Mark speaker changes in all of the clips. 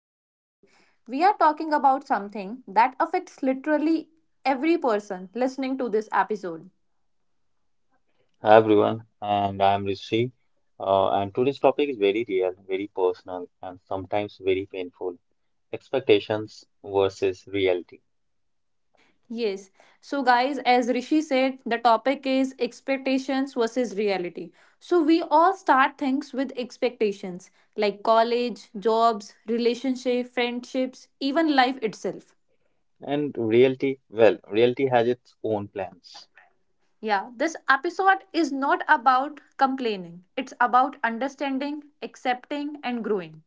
Speaker 1: and today we are talking about something that affects literally every person listening to this episode.
Speaker 2: Hi everyone, and I am Rishi. And today's topic is very real, very personal, and sometimes very painful. Expectations versus reality.
Speaker 1: Yes, so guys, as Rishi said, the topic is expectations versus reality. So we all start things with expectations like college, jobs, relationship, friendships, even life itself.
Speaker 2: And reality, well, reality has its own plans.
Speaker 1: Yeah, this episode is not about complaining. It's about understanding, accepting, and growing.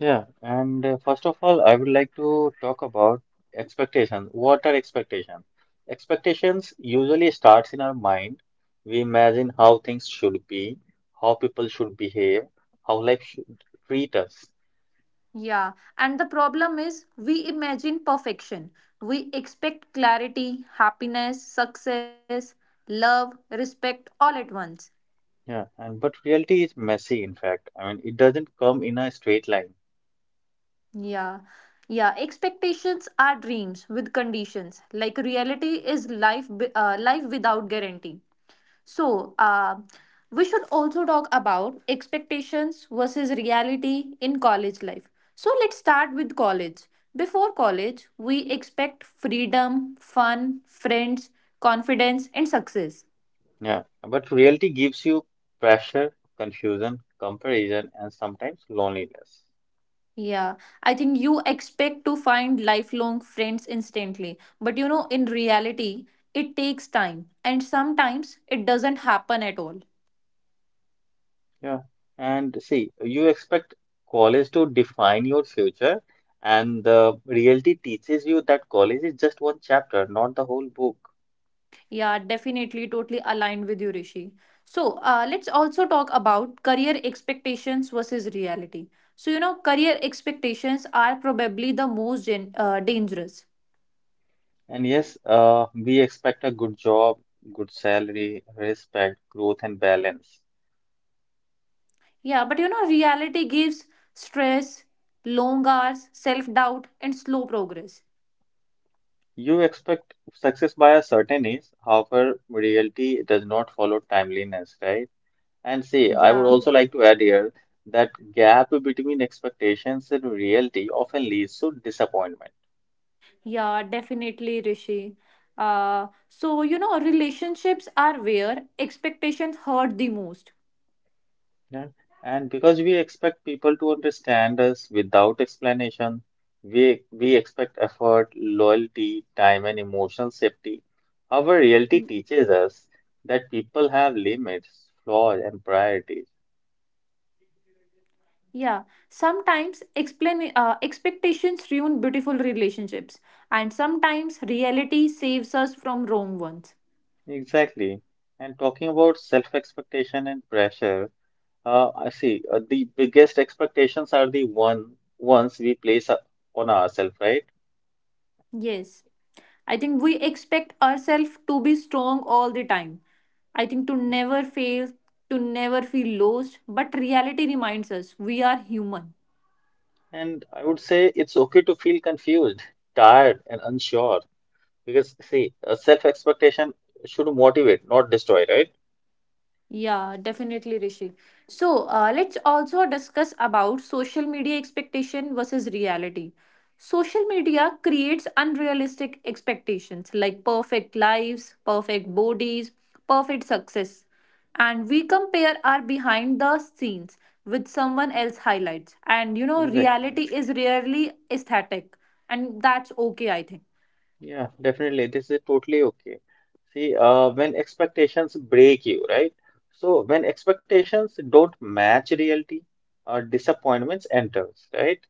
Speaker 2: Yeah, and first of all, I would like to talk about expectations. What are expectations? Expectations usually starts in our mind. We imagine how things should be, how people should behave, how life should treat us.
Speaker 1: Yeah, and the problem is we imagine perfection. We expect clarity, happiness, success, love, respect all at once.
Speaker 2: Yeah, and but reality is messy, in fact. I mean, it doesn't come in a straight line.
Speaker 1: Yeah, yeah, expectations are dreams with conditions. Like reality is life, life without guarantee. So, we should also talk about expectations versus reality in college life. So, let's start with college. Before college, we expect freedom, fun, friends, confidence, and success.
Speaker 2: Yeah, but reality gives you pressure, confusion, comparison, and sometimes loneliness.
Speaker 1: Yeah, I think you expect to find lifelong friends instantly. But you know, in reality, it takes time, and sometimes it doesn't happen at all.
Speaker 2: Yeah, and see, you expect college to define your future, and the reality teaches you that college is just one chapter, not the whole book.
Speaker 1: Yeah, definitely, totally aligned with you, Rishi. So, let's also talk about career expectations versus reality. So, you know, career expectations are probably the most dangerous.
Speaker 2: We expect a good job, good salary, respect, growth, and balance.
Speaker 1: Yeah, but you know, reality gives stress, long hours, self doubt, and slow progress.
Speaker 2: You expect success by a certain age, however, reality does not follow timeliness, right? And see, I would
Speaker 1: Yeah,
Speaker 2: also like to add here that gap between expectations and reality often leads to disappointment.
Speaker 1: yeah, definitely, Rishi. So, you know, relationships are where expectations hurt the most.
Speaker 2: Yeah. And because we expect people to understand us without explanation, we expect effort, loyalty, time, and emotional safety. However, reality teaches us that people have limits, flaws, and priorities.
Speaker 1: Yeah, sometimes expectations ruin beautiful relationships, and sometimes reality saves us from wrong ones.
Speaker 2: Exactly. And talking about self-expectation and pressure, I see the biggest expectations are the ones we place on ourselves, right?
Speaker 1: Yes, I think we expect ourselves to be strong all the time. I think to never fail, to never feel lost, but reality reminds us we are human.
Speaker 2: And I would say it's okay to feel confused, tired, and unsure because see, a self-expectation should motivate, not destroy, right?
Speaker 1: Yeah, definitely, Rishi. So let's also discuss about social media expectation versus reality. Social media creates unrealistic expectations like perfect lives, perfect bodies, perfect success. And we compare our behind the scenes with someone else highlights. And you know,
Speaker 2: Exactly.
Speaker 1: reality is rarely aesthetic, and that's okay, I think.
Speaker 2: Yeah, definitely. This is totally okay. See, when expectations break you, right? So when expectations don't match reality, disappointments enters, right?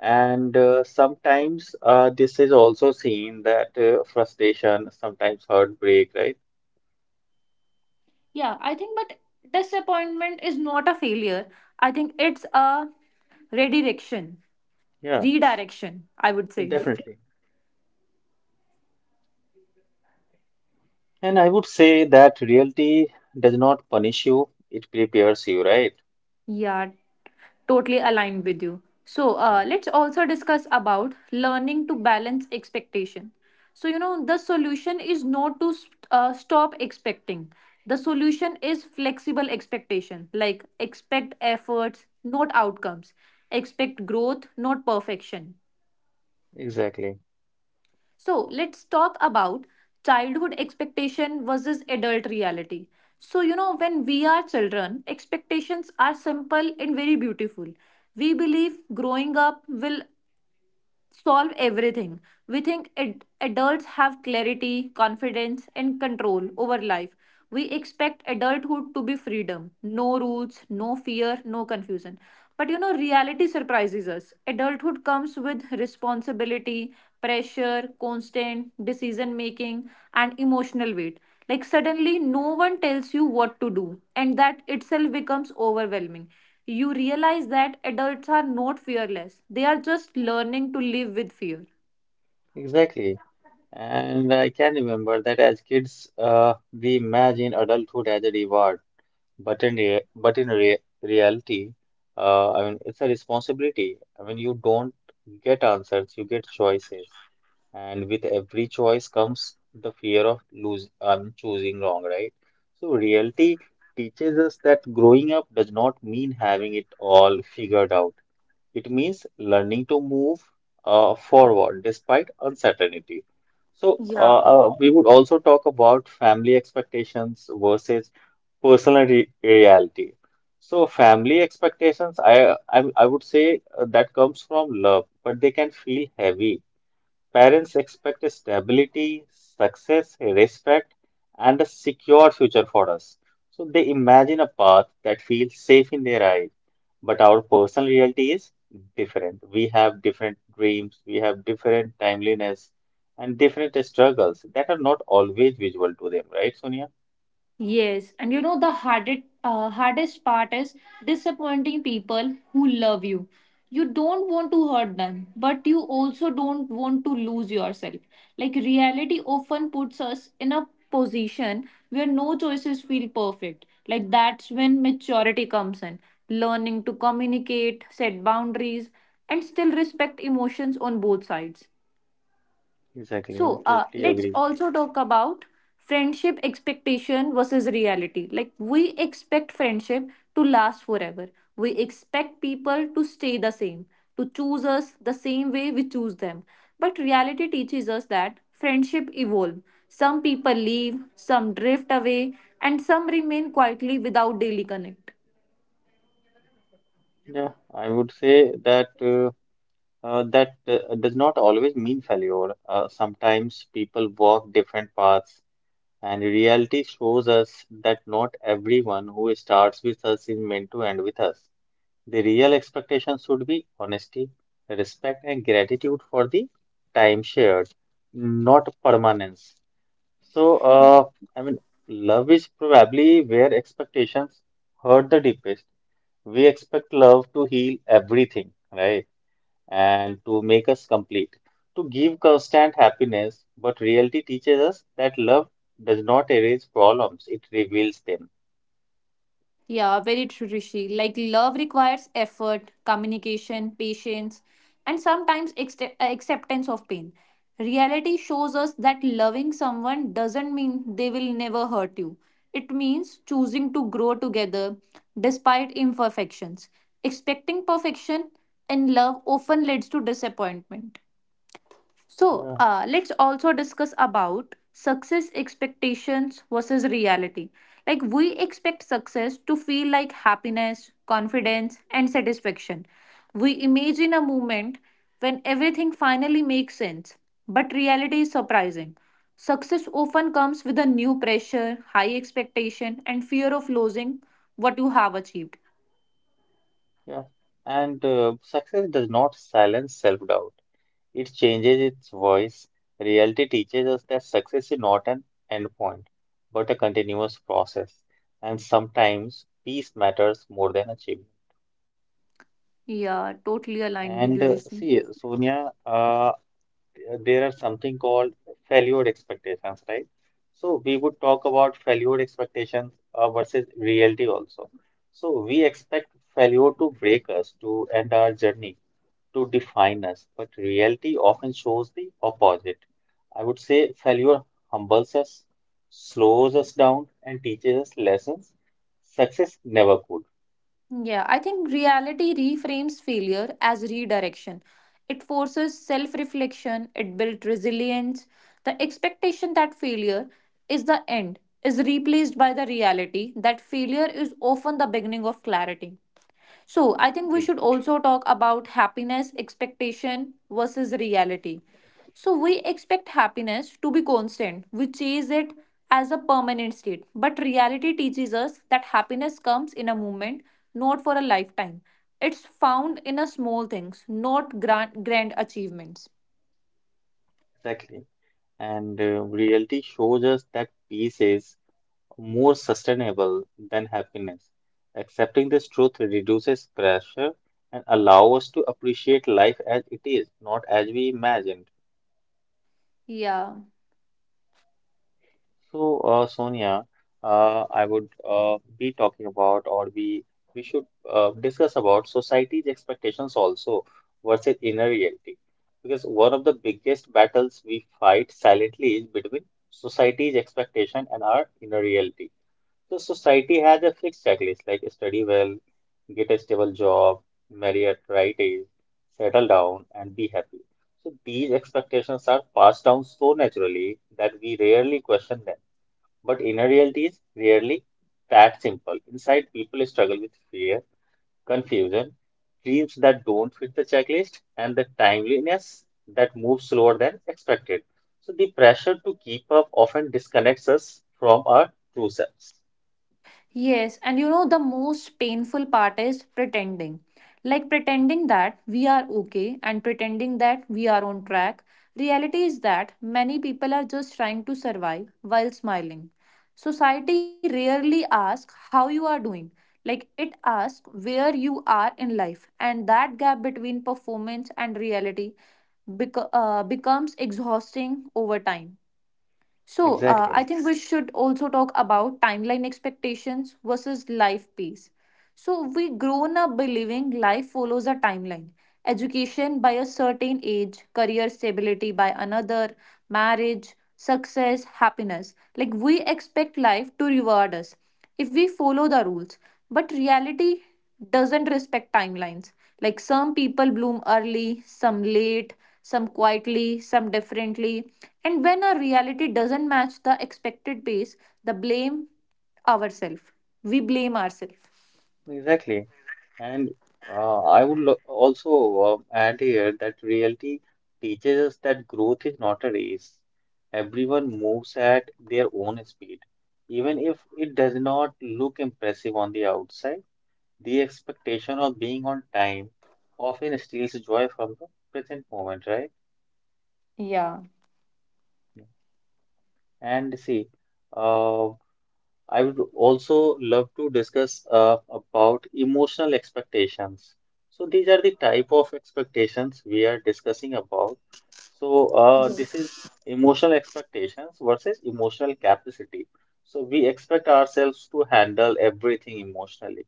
Speaker 2: And sometimes this is also seen that frustration, sometimes heartbreak, right?
Speaker 1: Yeah, I think, but disappointment is not a failure. I think it's a redirection,
Speaker 2: Yeah,
Speaker 1: redirection, I would
Speaker 2: it
Speaker 1: say.
Speaker 2: definitely. And I would say that reality does not punish you; it prepares you, right?
Speaker 1: Yeah, totally aligned with you. So,
Speaker 2: Yeah,
Speaker 1: uh, let's also discuss about learning to balance expectation. So, you know, the solution is not to stop expecting. The solution is flexible expectation, like expect efforts, not outcomes, expect growth, not perfection.
Speaker 2: exactly,
Speaker 1: So let's talk about childhood expectation versus adult reality. So, you know, when we are children, expectations are simple and very beautiful. We believe growing up will solve everything. We think adults have clarity, confidence, and control over life. We expect adulthood to be freedom, no rules, no fear, no confusion. But you know, reality surprises us. Adulthood comes with responsibility, pressure, constant decision making, and emotional weight. Like, suddenly, no one tells you what to do, and that itself becomes overwhelming. You realize that adults are not fearless. They are just learning to live with fear.
Speaker 2: exactly. And I can remember that as kids, we imagine adulthood as a reward. But in rea- reality, I mean, it's a responsibility. I mean, you don't get answers, you get choices, and with every choice comes the fear of choosing wrong, right? So reality teaches us that growing up does not mean having it all figured out. It means learning to move forward despite uncertainty. So we would also talk about family expectations versus personal reality. So family expectations, I would say that comes from love, but they can feel heavy. Parents expect stability, success, respect, and a secure future for us. So they imagine a path that feels safe in their eyes. But our personal reality is different. We have different dreams, we have different timeliness, and different struggles that are not always visual to them, right, Sonia?
Speaker 1: Yes, and you know the hardest part is disappointing people who love you. You don't want to hurt them, but you also don't want to lose yourself. Like reality often puts us in a position where no choices feel perfect. Like that's when maturity comes in. Learning to communicate, set boundaries, and still respect emotions on both sides.
Speaker 2: Exactly, I
Speaker 1: So
Speaker 2: totally
Speaker 1: let's
Speaker 2: agree with you.
Speaker 1: also talk about friendship expectation versus reality. Like we expect friendship to last forever. We expect people to stay the same, to choose us the same way we choose them. But reality teaches us that friendship evolve. Some people leave, some drift away, and some remain quietly without daily connect.
Speaker 2: Yeah, I would say that that does not always mean failure. Sometimes people walk different paths, and reality shows us that not everyone who starts with us is meant to end with us. The real expectation should be honesty, respect, and gratitude for the time shared, not permanence. So, uh, I mean, love is probably where expectations hurt the deepest. We expect love to heal everything, right? And to make us complete, to give constant happiness. But reality teaches us that love does not erase problems, it reveals them.
Speaker 1: Yeah, very true, Rishi. Like, love requires effort, communication, patience, and sometimes acceptance of pain. Reality shows us that loving someone doesn't mean they will never hurt you. It means choosing to grow together despite imperfections. Expecting perfection in love often leads to disappointment. So,
Speaker 2: Yeah,
Speaker 1: uh, let's also discuss about success expectations versus reality. Like, we expect success to feel like happiness, confidence, and satisfaction. We imagine a moment when everything finally makes sense, but reality is surprising. Success often comes with a new pressure, high expectation, and fear of losing what you have achieved.
Speaker 2: yeah. And success does not silence self-doubt. It changes its voice. Reality teaches us that success is not an endpoint, but a continuous process. And sometimes peace matters more than achievement.
Speaker 1: Yeah, totally aligned with
Speaker 2: And
Speaker 1: you,
Speaker 2: uh,
Speaker 1: Rishi.
Speaker 2: see, Sonia, uh, there are something called failure expectations, right? So we would talk about failure expectations versus reality also. So we expect failure to break us, to end our journey, to define us, but reality often shows the opposite. I would say failure humbles us, slows us down, and teaches us lessons success never could.
Speaker 1: Yeah, I think reality reframes failure as redirection. It forces self reflection, it builds resilience. The expectation that failure is the end is replaced by the reality that failure is often the beginning of clarity. So, I think we should also talk about happiness expectation versus reality. So, we expect happiness to be constant, we chase it as a permanent state. But reality teaches us that happiness comes in a moment, not for a lifetime. It's found in a small things, not grand, grand achievements.
Speaker 2: Exactly. And reality shows us that peace is more sustainable than happiness. Accepting this truth reduces pressure and allow us to appreciate life as it is, not as we imagined.
Speaker 1: Yeah.
Speaker 2: So, Sonia, I would be talking about, or we should discuss about society's expectations also versus inner reality, because one of the biggest battles we fight silently is between society's expectation and our inner reality. So society has a fixed checklist like study well, get a stable job, marry at right age, settle down, and be happy. So these expectations are passed down so naturally that we rarely question them. But inner reality is rarely that simple. Inside, people struggle with fear, confusion, dreams that don't fit the checklist, and the timeliness that moves slower than expected. So the pressure to keep up often disconnects us from our true selves.
Speaker 1: Yes, and you know, the most painful part is pretending. Like pretending that we are okay and pretending that we are on track. Reality is that many people are just trying to survive while smiling. Society rarely asks how you are doing. Like it asks where you are in life, and that gap between performance and reality becomes exhausting over time. So, I
Speaker 2: Exactly.
Speaker 1: think we should also talk about timeline expectations versus life pace. So, we grown up believing life follows a timeline education by a certain age, career stability by another, marriage, success, happiness. Like we expect life to reward us if we follow the rules. But reality doesn't respect timelines. Like some people bloom early, some late, some quietly, some differently. And when our reality doesn't match the expected pace, the blame ourselves. We blame ourselves.
Speaker 2: Exactly. And I would lo also add here that reality teaches us that growth is not a race. Everyone moves at their own speed. Even if it does not look impressive on the outside, the expectation of being on time often steals joy from the present moment, right?
Speaker 1: Yeah.
Speaker 2: And see, uh, I would also love to discuss about emotional expectations. So these are the type of expectations we are discussing about. So this is emotional expectations versus emotional capacity. So we expect ourselves to handle everything emotionally,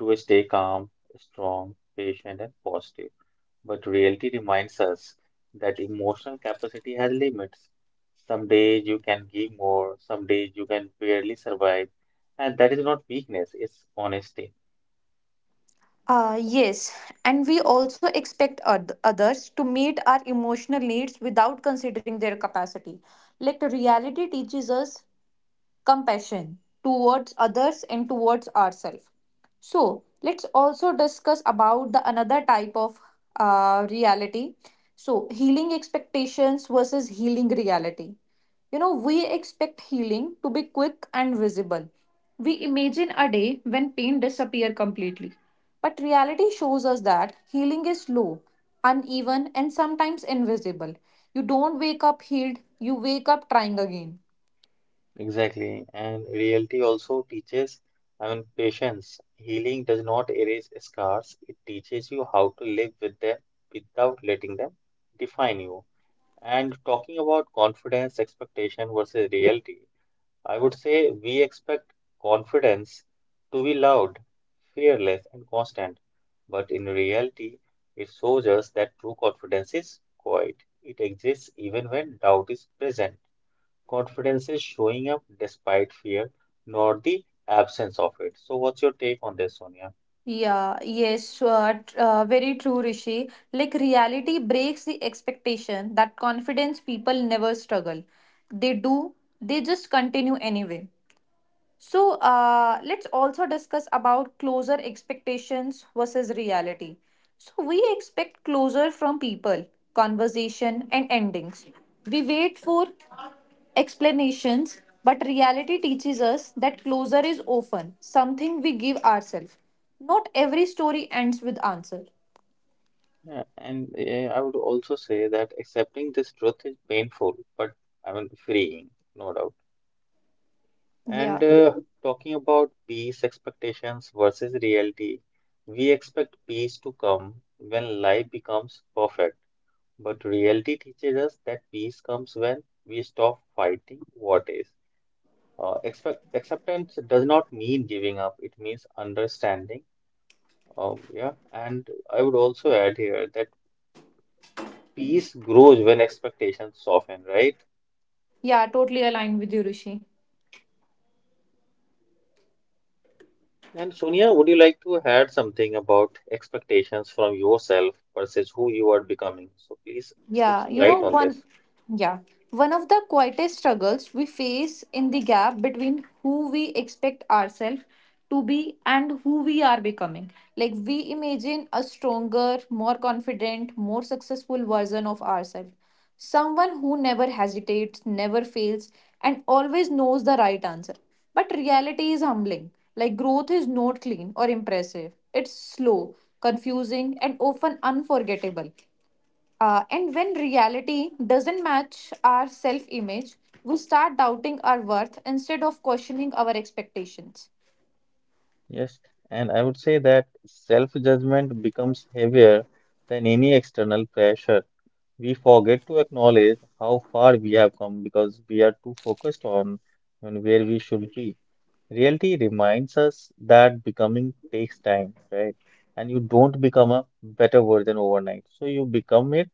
Speaker 2: to stay calm, strong, patient, and positive. But reality reminds us that emotional capacity has limits. Some days you can give more, some days you can barely survive. And that is not weakness, it's honesty.
Speaker 1: Yes, and we also expect others to meet our emotional needs without considering their capacity. Like reality teaches us compassion towards others and towards ourselves. So let's also discuss about the another type of reality. So healing expectations versus healing reality. You know we expect healing to be quick and visible. We imagine a day when pain disappears completely, but reality shows us that healing is slow, uneven and sometimes invisible. You don't wake up healed, you wake up trying again.
Speaker 2: Exactly. And reality also teaches, I mean, patience. Healing does not erase scars, it teaches you how to live with them without letting them define you. And talking about confidence, expectation versus reality, I would say we expect confidence to be loud, fearless, and constant, but in reality, it shows us that true confidence is quiet. It exists even when doubt is present. Confidence is showing up despite fear, not the absence of it. So, what's your take on this, Sonia?
Speaker 1: Yeah, yes, very true, Rishi. Like reality breaks the expectation that confidence people never struggle. They do, they just continue anyway. So let's also discuss about closer expectations versus reality. So we expect closer from people, conversation, and endings. We wait for explanations, but reality teaches us that closure is often something we give ourselves. Not every story ends with answer.
Speaker 2: I would also say that accepting this truth is painful, but I mean freeing, no doubt. And
Speaker 1: Yeah.
Speaker 2: uh, talking about peace expectations versus reality, we expect peace to come when life becomes perfect, but reality teaches us that peace comes when we stop fighting what is. Expect acceptance does not mean giving up, it means understanding. Yeah, and I would also add here that peace grows when expectations soften, right?
Speaker 1: Yeah, totally aligned with you, Rishi.
Speaker 2: And Sonia, would you like to add something about expectations from yourself versus who you are becoming? So please put
Speaker 1: Yeah,
Speaker 2: some
Speaker 1: you
Speaker 2: light
Speaker 1: know,
Speaker 2: on this.
Speaker 1: yeah, one of the quietest struggles we face in the gap between who we expect ourselves to be and who we are becoming. Like, we imagine a stronger, more confident, more successful version of ourselves. Someone who never hesitates, never fails, and always knows the right answer. But reality is humbling. Like, growth is not clean or impressive, it's slow, confusing, and often unforgettable. And when reality doesn't match our self image, we start doubting our worth instead of questioning our expectations.
Speaker 2: Yes, and I would say that self-judgment becomes heavier than any external pressure. We forget to acknowledge how far we have come because we are too focused on where we should be. Reality reminds us that becoming takes time, right? And you don't become a better version overnight. So you become it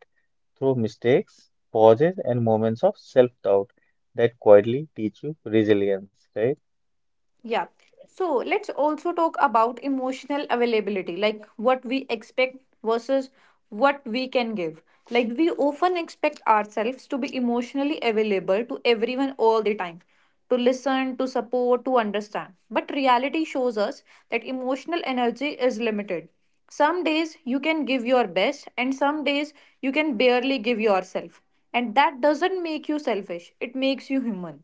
Speaker 2: through mistakes, pauses, and moments of self doubt that quietly teach you resilience, right?
Speaker 1: Yeah. So let's also talk about emotional availability, like what we expect versus what we can give. Like we often expect ourselves to be emotionally available to everyone all the time, to listen, to support, to understand. But reality shows us that emotional energy is limited. Some days you can give your best, and some days you can barely give yourself. And that doesn't make you selfish, it makes you human.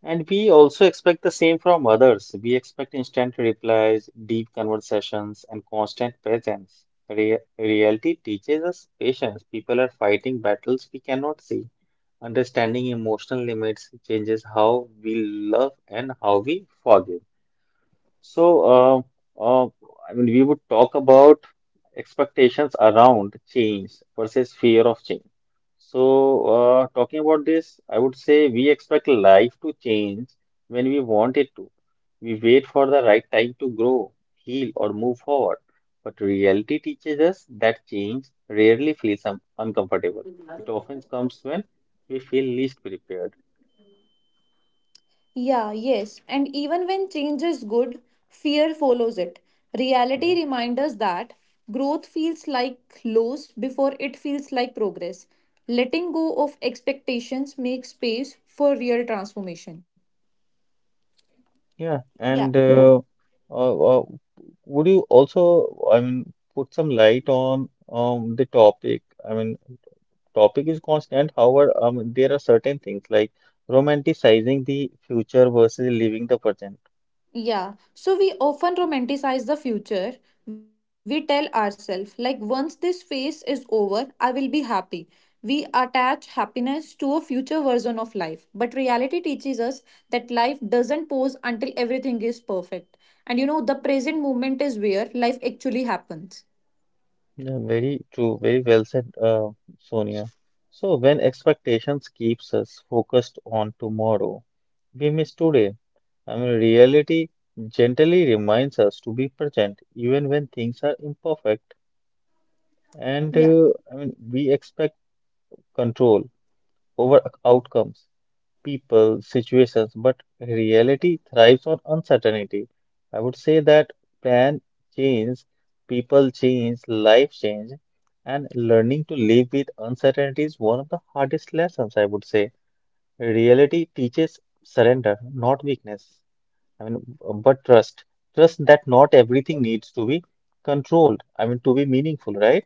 Speaker 2: And we also expect the same from others. We expect instant replies, deep conversations, and constant presence. Reality teaches us patience. People are fighting battles we cannot see. Understanding emotional limits changes how we love and how we forgive. So, uh, uh, I mean, we would talk about expectations around change versus fear of change. So, talking about this, I would say we expect life to change when we want it to. We wait for the right time to grow, heal, or move forward. But reality teaches us that change rarely feels un uncomfortable. It often comes when we feel least prepared.
Speaker 1: Yeah, yes. And even when change is good, fear follows it. Reality reminds us that growth feels like loss before it feels like progress. Letting go of expectations makes space for real transformation.
Speaker 2: Yeah,
Speaker 1: Yeah.
Speaker 2: and Yeah. Uh, uh, would you also, I mean, put some light on the topic? I mean, topic is constant. However, there are certain things like romanticizing the future versus living the present.
Speaker 1: Yeah, so we often romanticize the future. We tell ourselves, like, once this phase is over, I will be happy. We attach happiness to a future version of life. But reality teaches us that life doesn't pause until everything is perfect. And you know, the present moment is where life actually happens.
Speaker 2: Yeah, very true. Very well said, Sonia. So when expectations keeps us focused on tomorrow, we miss today. I mean, reality gently reminds us to be present even when things are imperfect. And
Speaker 1: Yeah.
Speaker 2: uh, I mean, we expect control over outcomes, people, situations, but reality thrives on uncertainty. I would say that plan change, people change, life change, and learning to live with uncertainty is one of the hardest lessons, I would say. Reality teaches surrender, not weakness. I mean, but trust. Trust that not everything needs to be controlled. I mean, to be meaningful, right?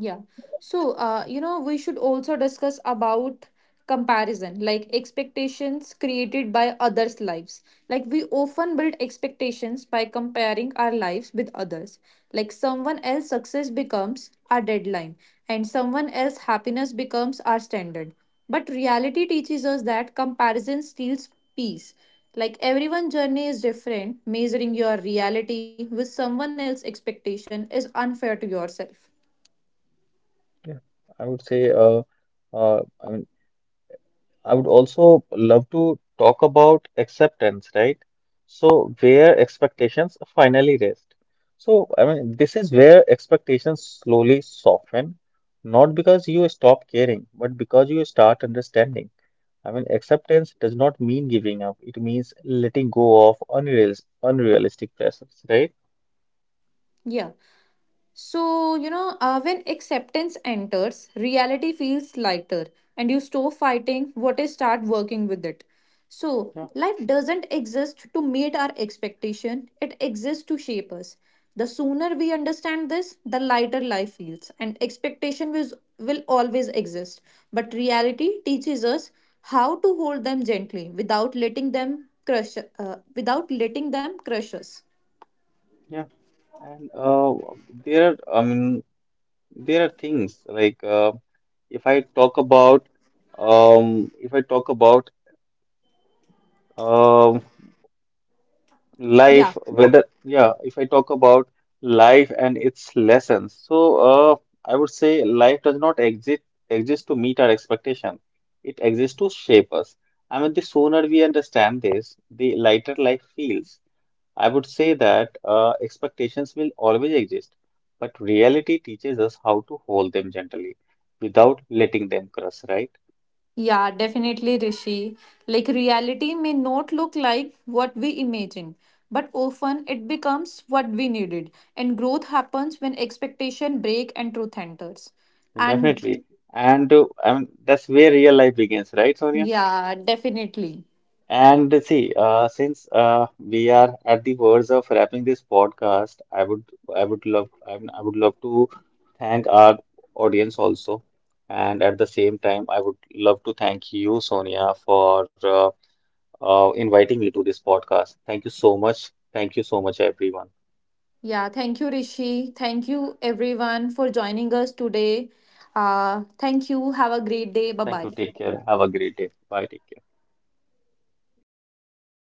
Speaker 1: Yeah. So, you know, we should also discuss about comparison, like expectations created by others' lives. Like, we often build expectations by comparing our lives with others. Like, someone else's success becomes our deadline, and someone else's happiness becomes our standard. But reality teaches us that comparison steals peace. Like, everyone's journey is different. Measuring your reality with someone else's expectation is unfair to yourself.
Speaker 2: Yeah, I would say, I mean, I would also love to talk about acceptance, right? So, where expectations finally rest. So, I mean, this is where expectations slowly soften, not because you stop caring, but because you start understanding. I mean, acceptance does not mean giving up, it means letting go of unrealistic pressures, right?
Speaker 1: Yeah. So, you know, when acceptance enters, reality feels lighter and you stop fighting what is start working with it. So,
Speaker 2: Yeah,
Speaker 1: life doesn't exist to meet our expectation, it exists to shape us. The sooner we understand this, the lighter life feels and expectation will, always exist. But reality teaches us how to hold them gently without letting them crush us.
Speaker 2: yeah. And there, I mean, there are things like if I talk about um, if I talk about um,
Speaker 1: Yeah.
Speaker 2: life, whether yeah, if I talk about life and its lessons. So I would say life does not exist to meet our expectation. It exists to shape us. I mean, the sooner we understand this, the lighter life feels. I would say that expectations will always exist, but reality teaches us how to hold them gently without letting them crush, right?
Speaker 1: Yeah, definitely, Rishi. Like, reality may not look like what we imagine, but often it becomes what we needed. And growth happens when expectation break and truth enters. And
Speaker 2: Definitely. And I mean, that's where real life begins, right, Sonia?
Speaker 1: yeah, definitely.
Speaker 2: And see, since we are at the words of wrapping this podcast, I would love, I mean, I would love to thank our audience also, and at the same time, I would love to thank you, Sonia, for inviting me to this podcast. Thank you so much. Thank you so much, everyone.
Speaker 1: Yeah, thank you, Rishi. Thank you, everyone, for joining us today. Thank you. Have a great day. Bye
Speaker 2: Thank you.
Speaker 1: bye.
Speaker 2: Take care. Have a great day. Bye. Take care.